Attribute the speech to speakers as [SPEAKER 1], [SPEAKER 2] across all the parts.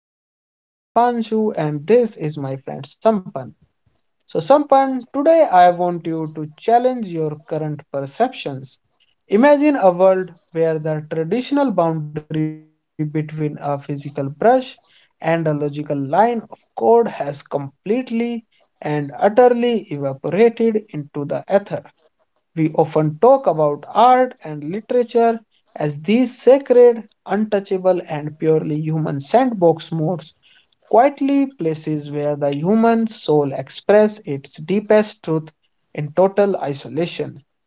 [SPEAKER 1] podcast. My name is Dipanshu, and this is my friend Sampan. So, Sampan, today I want you to challenge your current perceptions. Imagine a world where the traditional boundary between a physical brush and a logical line of code has completely and utterly evaporated into the ether. We often talk about art and literature as these sacred, untouchable, and purely human sandbox modes quietly places where the human soul expresses its deepest truth in total isolation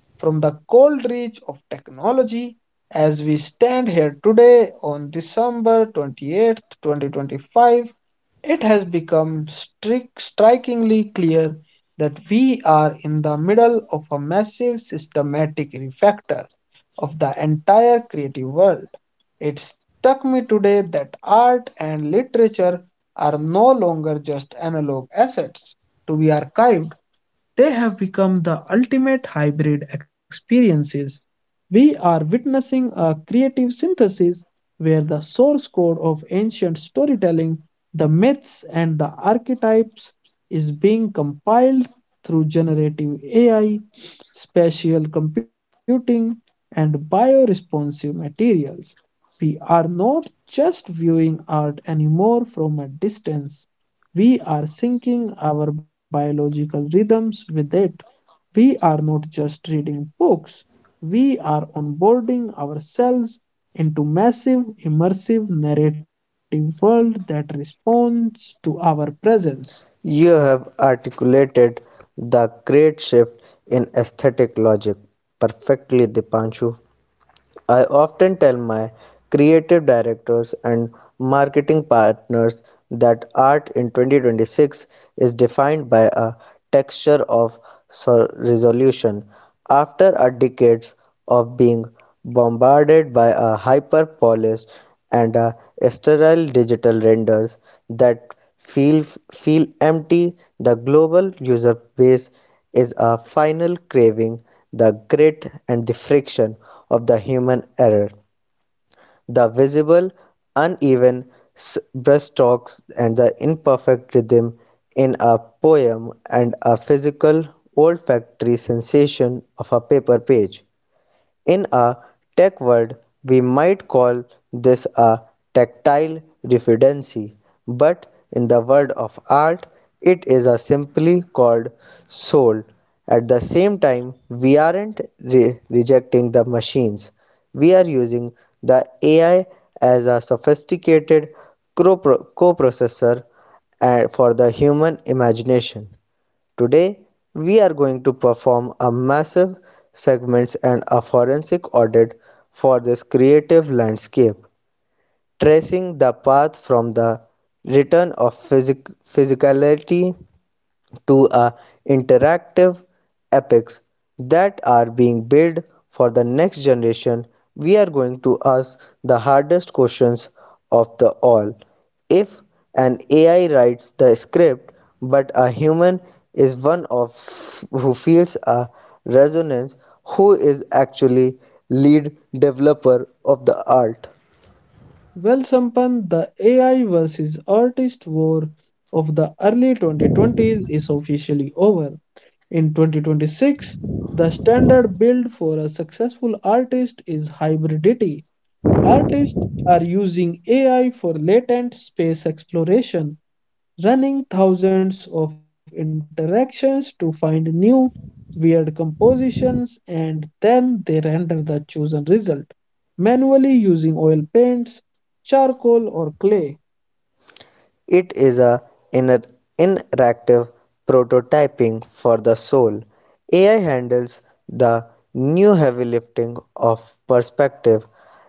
[SPEAKER 1] from the cold reach of technology. As we stand here today on December 28th, 2025, it has become strikingly clear that we are in the middle of a massive systematic refactor of the entire creative world. It struck me today that art and literature are no longer just analog assets to be archived, they have become the ultimate hybrid experiences. We are witnessing a creative synthesis where the source code of ancient storytelling, the myths, and the archetypes is being compiled through generative AI, spatial computing, and bioresponsive materials. We are not just viewing art anymore from a distance. We are syncing our biological rhythms with it. We are not just reading books, we are onboarding ourselves into massive, immersive narrative world that responds to our presence.
[SPEAKER 2] You have articulated the great shift in aesthetic logic perfectly, Dipanshu. I often tell my creative directors and marketing partners that art in 2026 is defined by a texture of resolution. After a decades of being bombarded by a hyper polished and a sterile digital renders that feel empty, the global user base is a final craving the grit and the friction of the human error, the visible uneven brushstrokes and the imperfect rhythm in a poem, and a physical olfactory sensation of a paper page. In a tech word, we might call this a tactile referency, but in the world of art, it is a simply called soul. At the same time, we aren't rejecting the machines. We are using the AI as a sophisticated co-processor for the human imagination. Today, we are going to perform a massive segments and a forensic audit for this creative landscape, tracing the path from the return of physicality to a interactive epics that are being built for the next generation. We are going to ask the hardest questions of the all: if an ai writes the script but a human is one of who feels a resonance, who is actually lead developer of the art?
[SPEAKER 1] Well, Sampan, the AI versus artist war of the early 2020s is officially over. In 2026, the standard build for a successful artist is hybridity. Artists are using AI for latent space exploration, running thousands of interactions to find new, weird compositions, and then they render the chosen result manually using oil paints, charcoal, or clay.
[SPEAKER 2] It is a inner interactive prototyping for the soul. AI handles the new heavy lifting of perspective,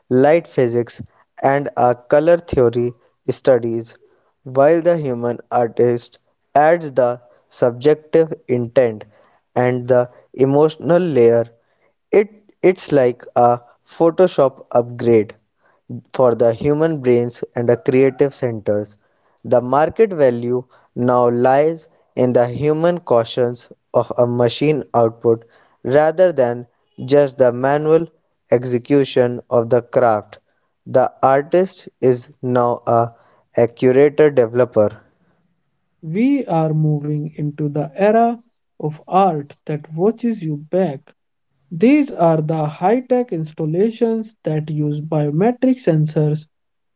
[SPEAKER 2] light physics, and a color theory studies, while the human artist adds the subjective intent and the emotional layer. It, it's like a Photoshop upgrade for the human brains and the creative centers. The market value now lies in the human cautions of a machine output rather than just the manual execution of the craft. The artist is now a curator developer.
[SPEAKER 1] We are moving into the era of art that watches you back. These are the high-tech installations that use biometric sensors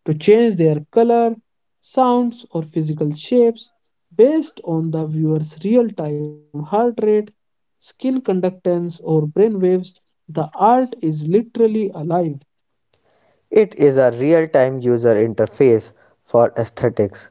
[SPEAKER 1] to change their color, sounds, or physical shapes based on the viewer's real-time heart rate, skin conductance, or brain waves. The art is literally alive.
[SPEAKER 2] It is a real-time user interface for aesthetics.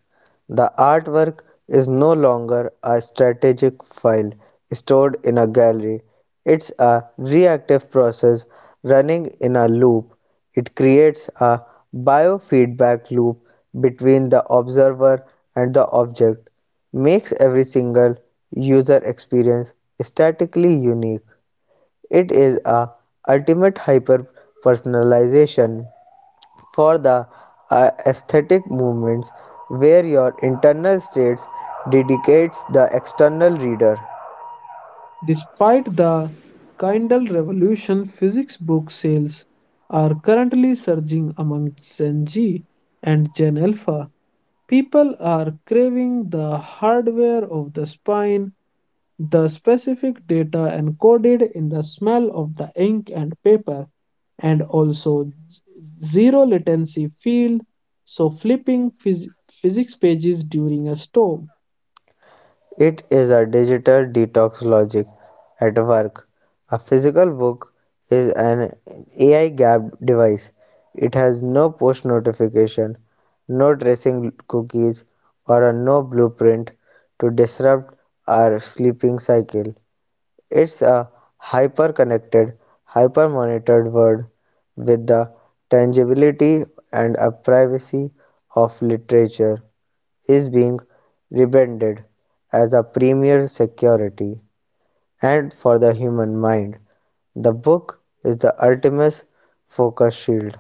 [SPEAKER 2] The artwork is no longer a static file stored in a gallery. It's a reactive process running in a loop. It creates a biofeedback loop between the observer and the object, makes every single user experience statically unique. It is a ultimate hyper personalization for the aesthetic movements, where your internal states dedicates the external reader.
[SPEAKER 1] Despite the Kindle revolution, physics book sales are currently surging among Gen Z and Gen Alpha. People are craving the hardware of the spine, the specific data encoded in the smell of the ink and paper, and also z- zero latency feel. So, flipping physics pages during a storm.
[SPEAKER 2] It is a digital detox logic at work. A physical book is an AI gapped device. It has no push notification, no tracing cookies, or a no blueprint to disrupt our sleeping cycle. It's a hyper-connected, hyper-monitored world with the tangibility and a privacy of literature is being rebranded as a premier security and for the human mind. The book is the ultimate focus shield.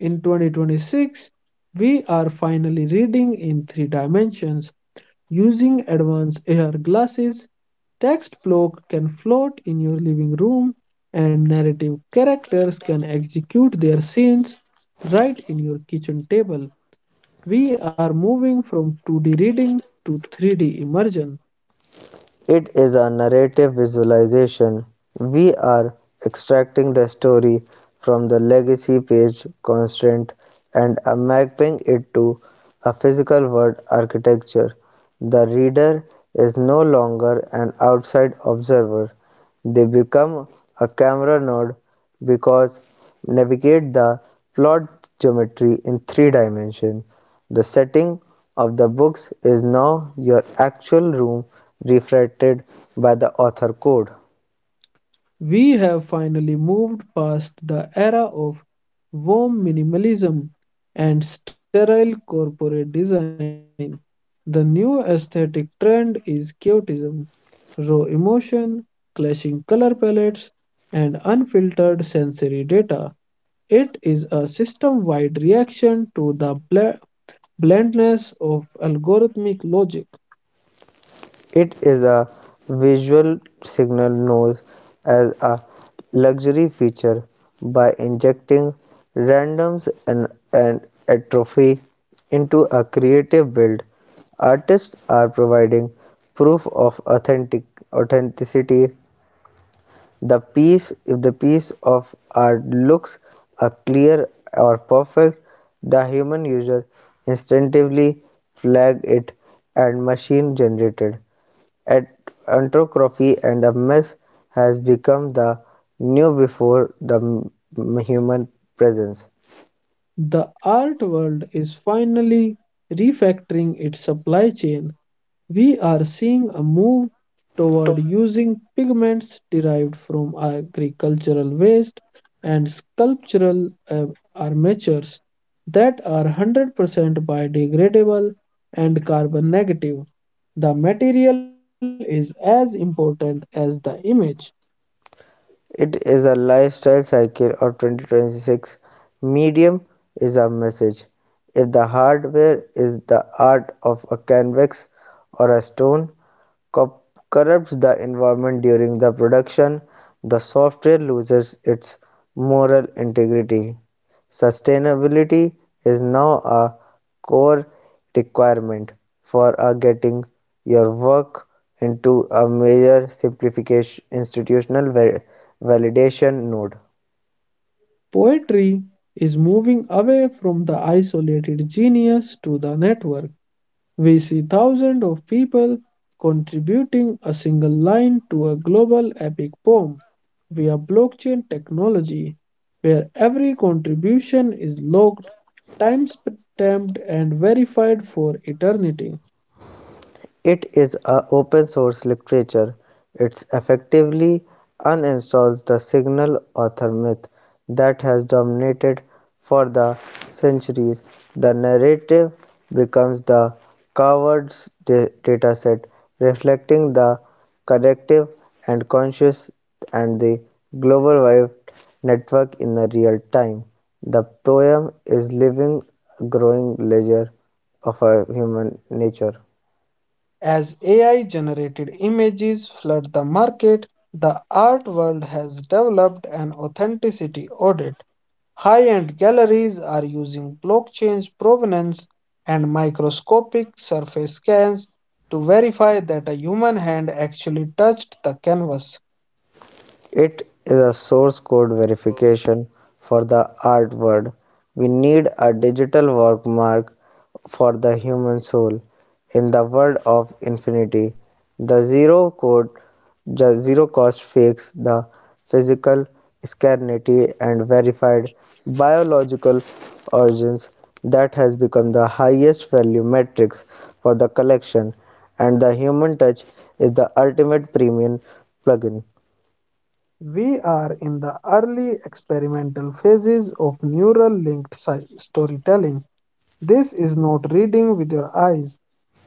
[SPEAKER 1] In 2026, we are finally reading in three dimensions. Using advanced AR glasses, text block can float in your living room and narrative characters can execute their scenes right in your kitchen table. We are moving from 2D reading to 3D immersion.
[SPEAKER 2] It is a narrative visualization; we are extracting the story from the legacy page constant and are mapping it to a physical word architecture. The reader is no longer an outside observer; they become a camera node because navigate the plot geometry in three dimensions. The setting of the books is now your actual room reflected by the author code.
[SPEAKER 1] We have finally moved past the era of warm minimalism and sterile corporate design. The new aesthetic trend is chaotism, raw emotion, clashing color palettes, and unfiltered sensory data. It is a system wide reaction to the blandness of algorithmic logic.
[SPEAKER 2] It is a visual signal known as a luxury feature by injecting randoms and atrophy into a creative build. Artists are providing proof of authenticity. The piece If the piece of art looks a clear or perfect, the human user instinctively flag it and machine generated at anthropography and a mess has become the new before the human presence.
[SPEAKER 1] The art world is finally refactoring its supply chain. We are seeing a move toward using pigments derived from agricultural waste and sculptural armatures that are 100% biodegradable and carbon negative. The material is as important as the image.
[SPEAKER 2] It is a lifestyle cycle of 2026. Medium is a message. If the hardware is the art of a canvas or a stone, corrupts the environment during the production, the software loses its moral integrity. Sustainability is now a core requirement for a getting your work into a major simplification institutional validation node.
[SPEAKER 1] Poetry is moving away from the isolated genius to the network. We see thousands of people contributing a single line to a global epic poem via blockchain technology, where every contribution is logged, timestamped, and verified for eternity.
[SPEAKER 2] It is a open source literature. It effectively uninstalls the single author myth that has dominated for the centuries. The narrative becomes the covered dataset, reflecting the collective and conscious and the global wide network in the real time. The poem is living, growing ledger of a human nature.
[SPEAKER 1] As AI generated images flood the market, the art world has developed an authenticity audit. High-end galleries are using blockchain provenance and microscopic surface scans to verify that a human hand actually touched the canvas.
[SPEAKER 2] It is a source code verification for the artwork. We need a digital workmark for the human soul. In the world of infinity, the zero code the zero cost fix the physical scarcity and verified biological origins that has become the highest value metrics for the collection, and the human touch is the ultimate premium plugin.
[SPEAKER 1] We are in the early experimental phases of neural linked storytelling. This is not reading with your eyes.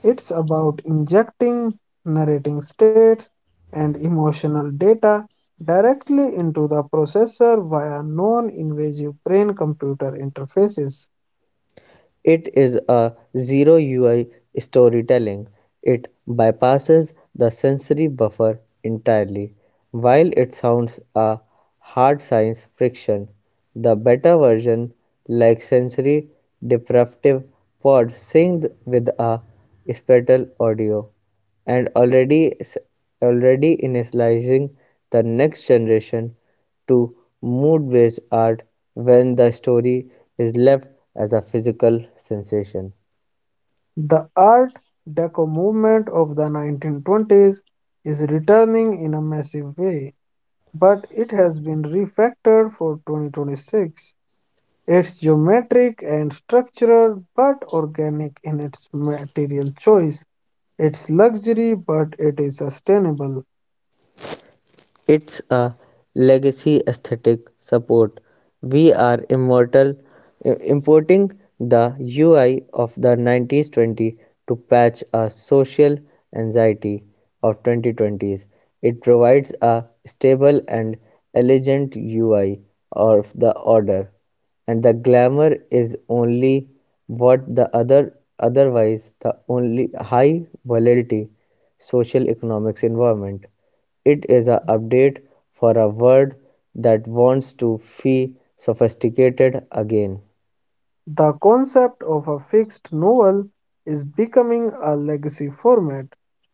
[SPEAKER 1] It's about injecting narrating states and emotional data directly into the processor via non invasive brain computer interfaces.
[SPEAKER 2] It is a zero-UI storytelling; it bypasses the sensory buffer entirely. While it sounds a hard science friction, the beta version, like sensory deprived pods synced with a spatial audio, and already initializing the next generation to mood-based art, when the story is left as a physical sensation.
[SPEAKER 1] The Art Deco movement of the 1920s is returning in a massive way, but it has been refactored for 2026. It's geometric and structural, but organic in its material choice. It's luxury, but it is sustainable.
[SPEAKER 2] It's a legacy aesthetic support. We are immortal importing the UI of the 90s-20 to patch a social anxiety of 2020s. It provides a stable and elegant UI of the order, and the glamour is only what the other otherwise the only high volatility social economics environment. It is an update for a word that wants to fee sophisticated again.
[SPEAKER 1] The concept of a fixed novel is becoming a legacy format.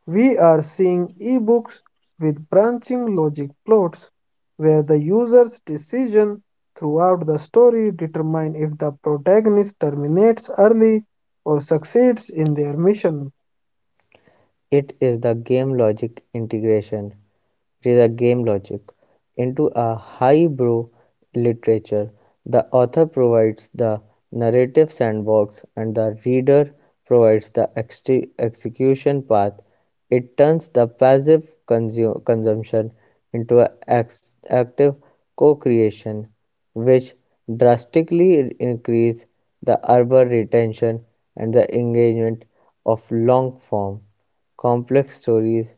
[SPEAKER 1] We are seeing ebooks with branching logic plots where the user's decision throughout the story determine if the protagonist terminates early or succeeds in their mission.
[SPEAKER 2] It is the game logic integration. It is a (game logic) into a highbrow literature; the author provides the narrative sandbox and the reader provides the ex execution path. It turns the passive consumption into an ex active co-creation, which drastically increases the urban retention and the engagement of long-form complex stories.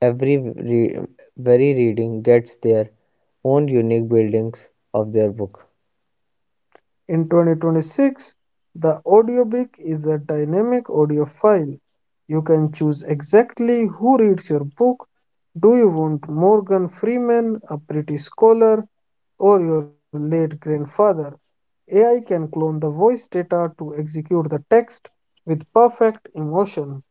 [SPEAKER 2] Every very reading gets their own unique buildings of their book.
[SPEAKER 1] In 2026, the audiobook is a dynamic audio file. You can choose exactly who reads your book. Do you want Morgan Freeman, a British scholar, or your late grandfather? AI can clone the voice data to execute the text with perfect emotion.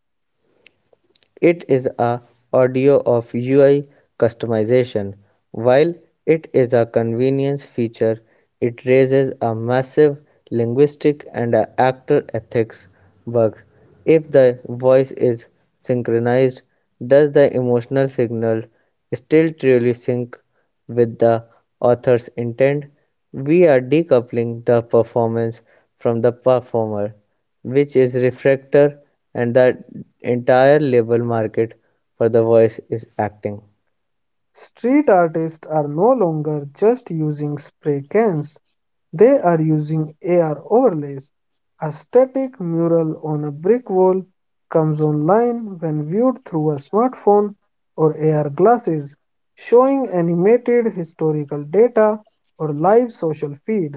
[SPEAKER 2] It is a audio of UI customization. While it is a convenience feature, it raises a massive linguistic and a actor ethics bug. If the voice is synchronized, does the emotional signal still truly sync with the author's intent? We are decoupling the performance from the performer, which is refractor and the entire label market for the voice is acting.
[SPEAKER 1] Street artists are no longer just using spray cans, they are using AR overlays. A static mural on a brick wall comes online when viewed through a smartphone or AR glasses, showing animated historical data or live social feed.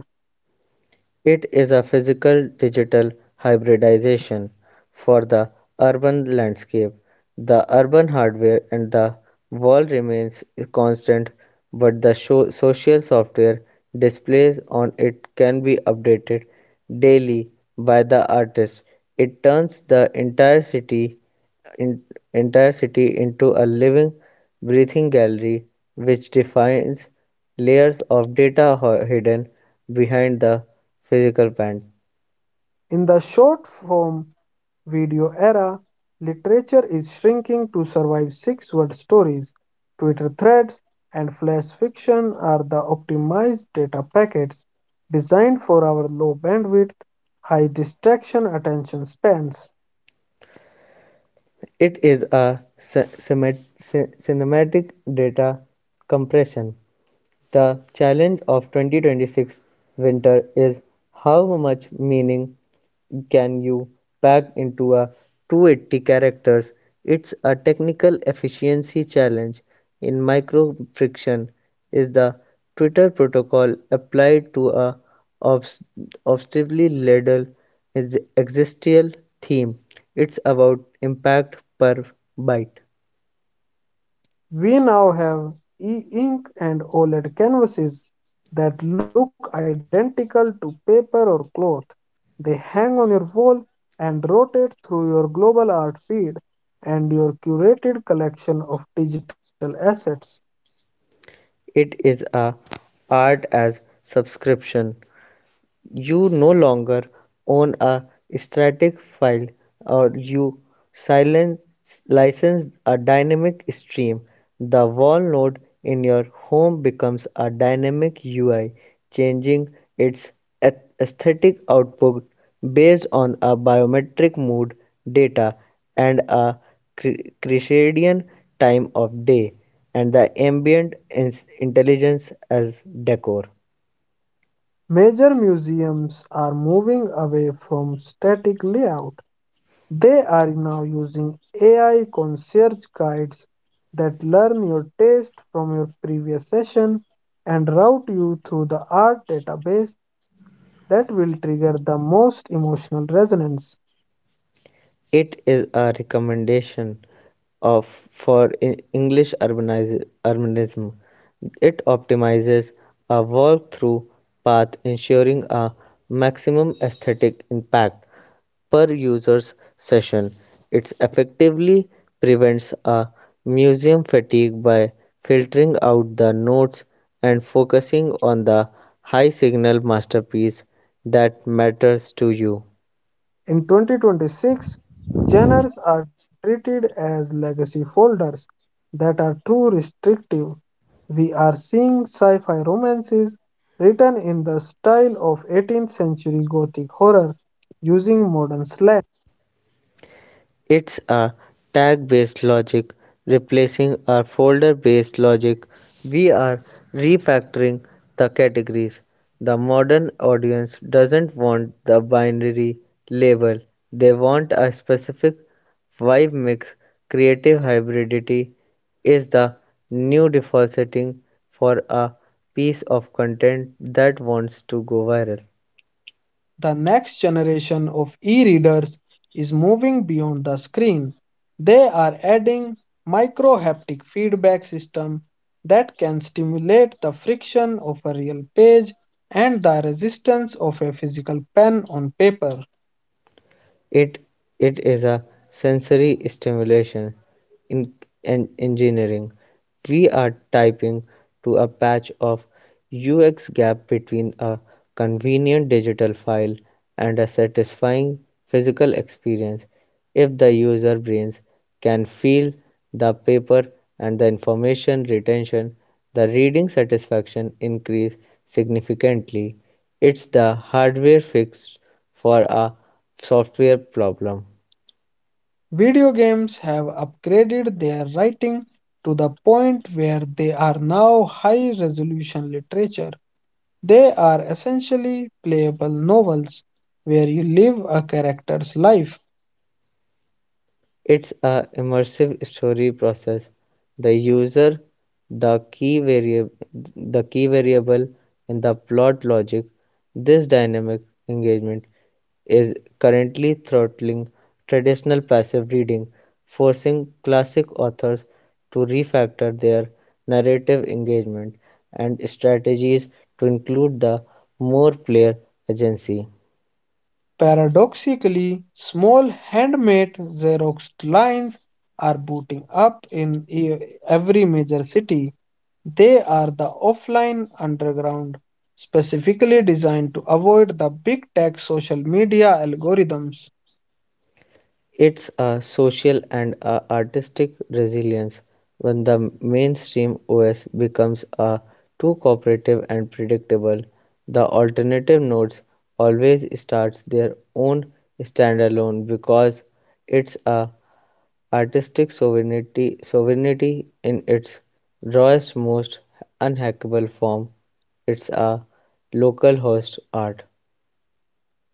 [SPEAKER 2] It is a physical-digital hybridization for the urban landscape; the urban hardware and the wall remains constant, but the social software displays on it can be updated daily by the artist. It turns the entire city in, entire city into a living, breathing gallery which defines layers of data hidden behind the physical bands.
[SPEAKER 1] In the short form video era, literature is shrinking to survive six word stories. Twitter threads and flash fiction are the optimized data packets designed for our low bandwidth, high distraction attention spans.
[SPEAKER 2] It is a ci- cinemat- cinematic data compression. The challenge of 2026 winter is how much meaning can you pack into a 280 characters. It's a technical efficiency challenge in microfriction is the Twitter protocol applied to a obs- obsessively ladle is existential theme. It's about impact per byte.
[SPEAKER 1] We now have e-ink and OLED canvases that look identical to paper or cloth. They hang on your wall and rotate through your global art feed and your curated collection of digital assets.
[SPEAKER 2] It is a art as subscription. You no longer own a static file, or you silence, license a dynamic stream. The wall node in your home becomes a dynamic UI, changing its aesthetic output based on a biometric mood data and a circadian time of day and the ambient intelligence as decor.
[SPEAKER 1] Major museums are moving away from static layout. They are now using AI concierge guides that learn your taste from your previous session and route you through the art database that will trigger the most emotional resonance.
[SPEAKER 2] It is a recommendation of for English urbanism. It optimizes a walk-through path, ensuring a maximum aesthetic impact per user's session. It effectively prevents a museum fatigue by filtering out the notes and focusing on the high signal masterpiece that matters to you.
[SPEAKER 1] In 2026, genres are treated as legacy folders that are too restrictive. We are seeing sci fi romances written in the style of 18th century Gothic horror using modern slang.
[SPEAKER 2] It's a tag-based logic replacing our folder-based logic. We are refactoring the categories. The modern audience doesn't want the binary label. They want a specific vibe mix. Creative hybridity is the new default setting for a piece of content that wants to go viral.
[SPEAKER 1] The next generation of e-readers is moving beyond the screen. They are adding micro-haptic feedback system that can stimulate the friction of a real page and the resistance of a physical pen on paper.
[SPEAKER 2] It it is a sensory stimulation in, in engineering. We are typing to a patch of UX gap between a convenient digital file and a satisfying physical experience. If the user brains can feel the paper and the information retention, the reading satisfaction increase significantly. It's the hardware fix for a software problem.
[SPEAKER 1] Video games have upgraded their writing to the point where they are now high-resolution literature. They are essentially playable novels where you live a character's life.
[SPEAKER 2] It's a immersive story process, the user the key variable, the key variable in the plot logic. This dynamic engagement is currently throttling traditional passive reading, forcing classic authors to refactor their narrative engagement and strategies to include the more player agency.
[SPEAKER 1] Paradoxically, small handmade Xerox lines are booting up in every major city. They are the offline underground, specifically designed to avoid the big tech social media algorithms.
[SPEAKER 2] It's a social and a artistic resilience when the mainstream OS becomes a too cooperative and predictable. The alternative nodes always starts their own standalone, because it's a artistic sovereignty in its rawest most unhackable form. It's a local host art.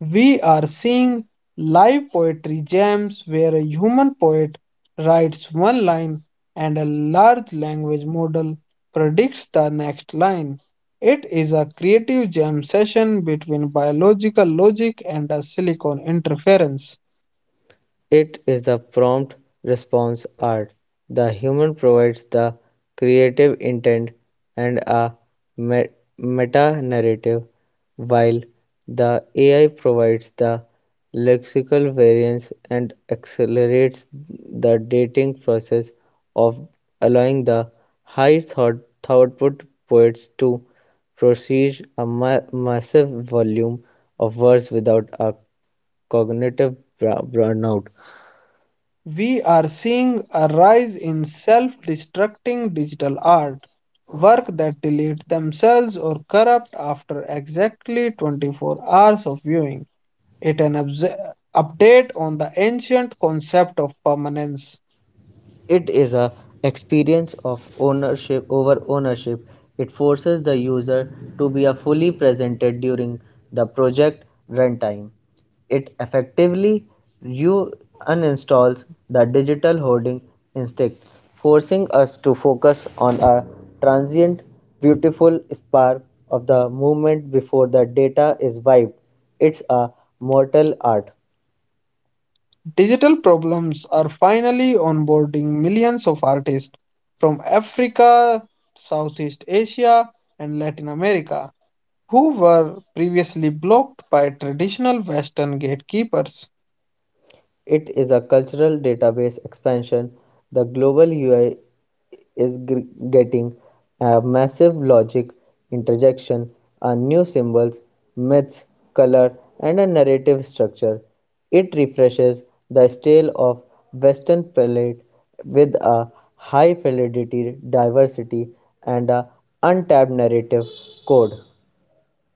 [SPEAKER 1] We are seeing live poetry jams where a human poet writes one line and a large language model predicts the next line. It is a creative jam session between biological logic and a silicon interference.
[SPEAKER 2] It is the prompt-response art: the human provides the creative intent and a meta-narrative, while the AI provides the lexical variants and accelerates the dating process of allowing the high thought output poets to produce a ma massive volume of words without a cognitive burnout.
[SPEAKER 1] We are seeing a rise in self destructing digital art, work that delete themselves or corrupt after exactly 24 hours of viewing. It an update on the ancient concept of permanence.
[SPEAKER 2] It is a experience of ownership over ownership. It forces the user to be a fully presented during the project runtime. It effectively you uninstalls the digital hoarding instinct, forcing us to focus on a transient beautiful spark of the movement before the data is wiped. It's a mortal art.
[SPEAKER 1] Digital problems are finally onboarding millions of artists from Africa, Southeast Asia, and Latin America who were previously blocked by traditional Western gatekeepers.
[SPEAKER 2] It is a cultural database expansion. The global ui is getting a massive logic interjection, a new symbols, myths, color, and a narrative structure. It refreshes the style of Western palette with a high fidelity diversity and a untapped narrative code.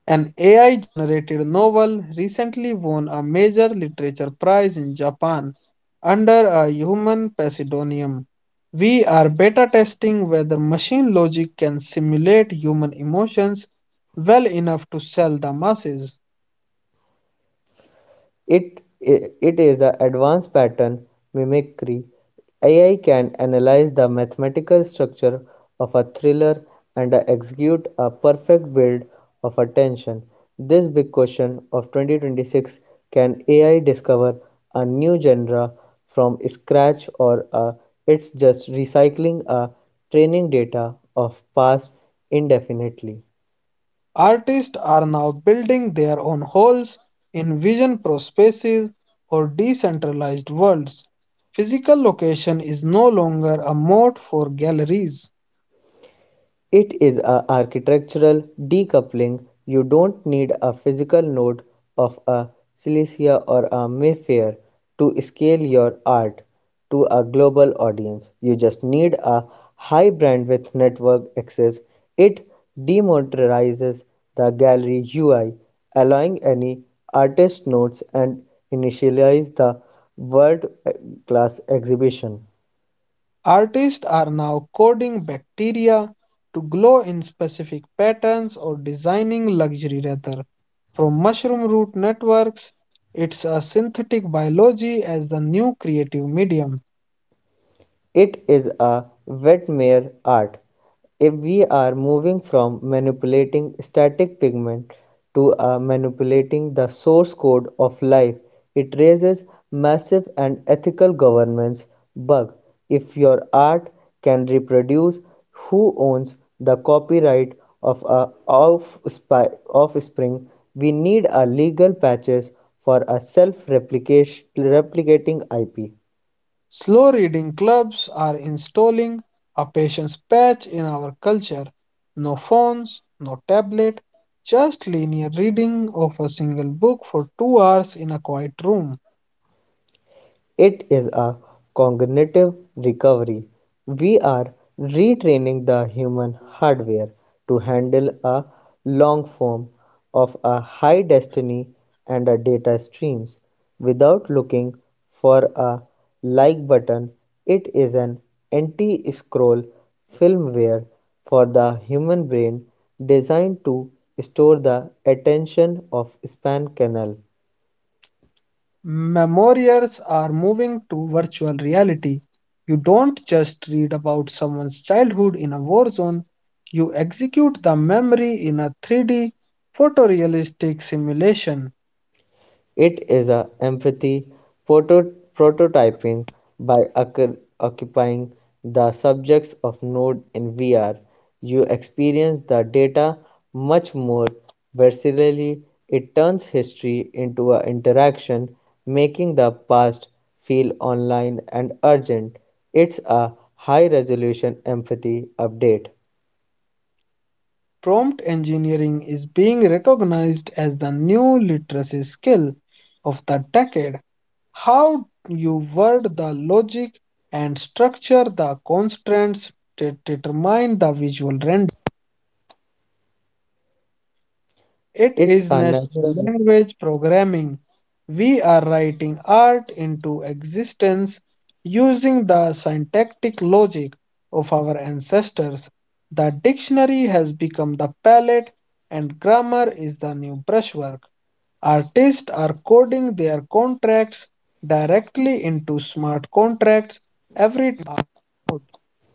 [SPEAKER 1] An AI generated novel recently won a major literature prize in Japan under a human pseudonym. We are beta testing whether machine logic can simulate human emotions well enough to sell the masses.
[SPEAKER 2] It is an advanced pattern mimicry. AI can analyze the mathematical structure of a thriller and execute a perfect build of a tension. This big question of 2026: can AI discover a new genre from scratch, or it's just recycling a training data of past indefinitely?
[SPEAKER 1] Artists are now building their own holes in vision prospaces or decentralized worlds. Physical location is no longer a moat for galleries.
[SPEAKER 2] It is a architectural decoupling; you don't need a physical node of a Silesia or a Mayfair to scale your art to a global audience. You just need a high-bandwidth network access. It democratizes the gallery UI, allowing any artist nodes and initialize the world-class exhibition.
[SPEAKER 1] Artists are now coding bacteria to glow in specific patterns or designing luxury leather from mushroom root networks. It's a synthetic biology as the new creative medium.
[SPEAKER 2] It is a wet mere art. If we are moving from manipulating static pigment to a manipulating the source code of life, it raises massive and ethical governance bug. If your art can reproduce, who owns the copyright of a offspring? We need a legal patches for a self-replicating IP.
[SPEAKER 1] Slow reading clubs are installing a patience patch in our culture. No phones, no tablet, just linear reading of a single book for 2 hours in a quiet room.
[SPEAKER 2] It is a cognitive recovery. We are retraining the human hardware to handle a long form of a high destiny and a data streams without looking for a like button. It is an anti scroll firmware for the human brain, designed to store the attention of span canal.
[SPEAKER 1] Memorials are moving to virtual reality. You don't just read about someone's childhood in a war zone, you execute the memory in a 3D photorealistic simulation.
[SPEAKER 2] It is a empathy prototyping by occupying the subjects of node in VR. You experience the data much more viscerally. It turns history into an interaction, making the past feel online and urgent. It's a high resolution empathy update.
[SPEAKER 1] Prompt engineering is being recognized as the new literacy skill of the decade. How you word the logic and structure the constraints to determine the visual render.
[SPEAKER 2] It's a
[SPEAKER 1] It is
[SPEAKER 2] natural.
[SPEAKER 1] natural language programming. We are writing art into existence using the syntactic logic of our ancestors. The dictionary has become the palette, and grammar is the new brushwork. Artists are coding their contracts directly into smart contracts. Every note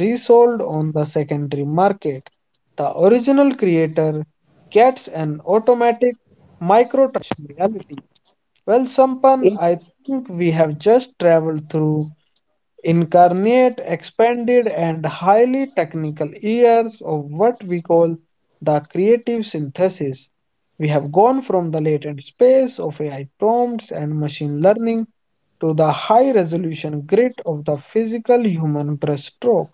[SPEAKER 1] is resold on the secondary market. The original creator gets an automatic micro Reality. Well, Sampan, I think we have just traveled through incarnate, expanded, and highly technical years of what we call the creative synthesis. We have gone from the latent space of AI prompts and machine learning to the high resolution grid of the physical human brushstroke.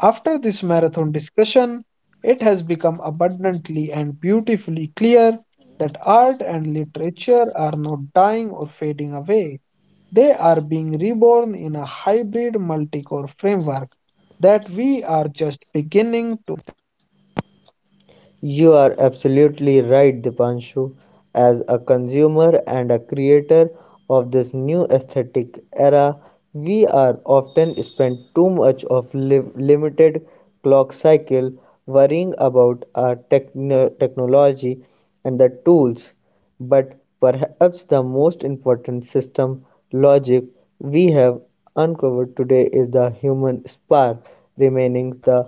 [SPEAKER 1] After this marathon discussion, it has become abundantly and beautifully clear that art and literature are not dying or fading away. They are being reborn in a hybrid multi core framework that we are just beginning.
[SPEAKER 2] You are absolutely right, Dipanshu. As a consumer and a creator of this new aesthetic era, we are often spend too much of limited clock cycle worrying about our technology and the tools, but perhaps the most important system logic we have uncovered today is the human spark remaining the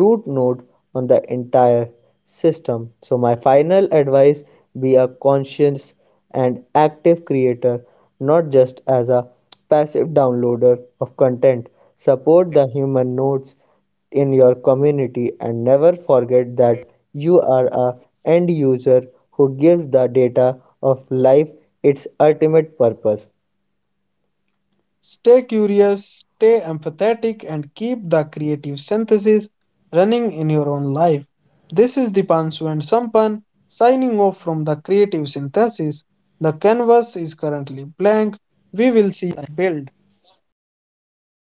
[SPEAKER 2] root node on the entire system. So my final advice: be a conscious and active creator, not just as a passive downloader of content. Support the human nodes in your community and never forget that you are a end user who gives the data of life its ultimate purpose.
[SPEAKER 1] Stay curious, stay empathetic, and keep the creative synthesis running in your own life. This is Dipanshu and Sampan signing off from the creative synthesis. The canvas is currently blank. We will see build.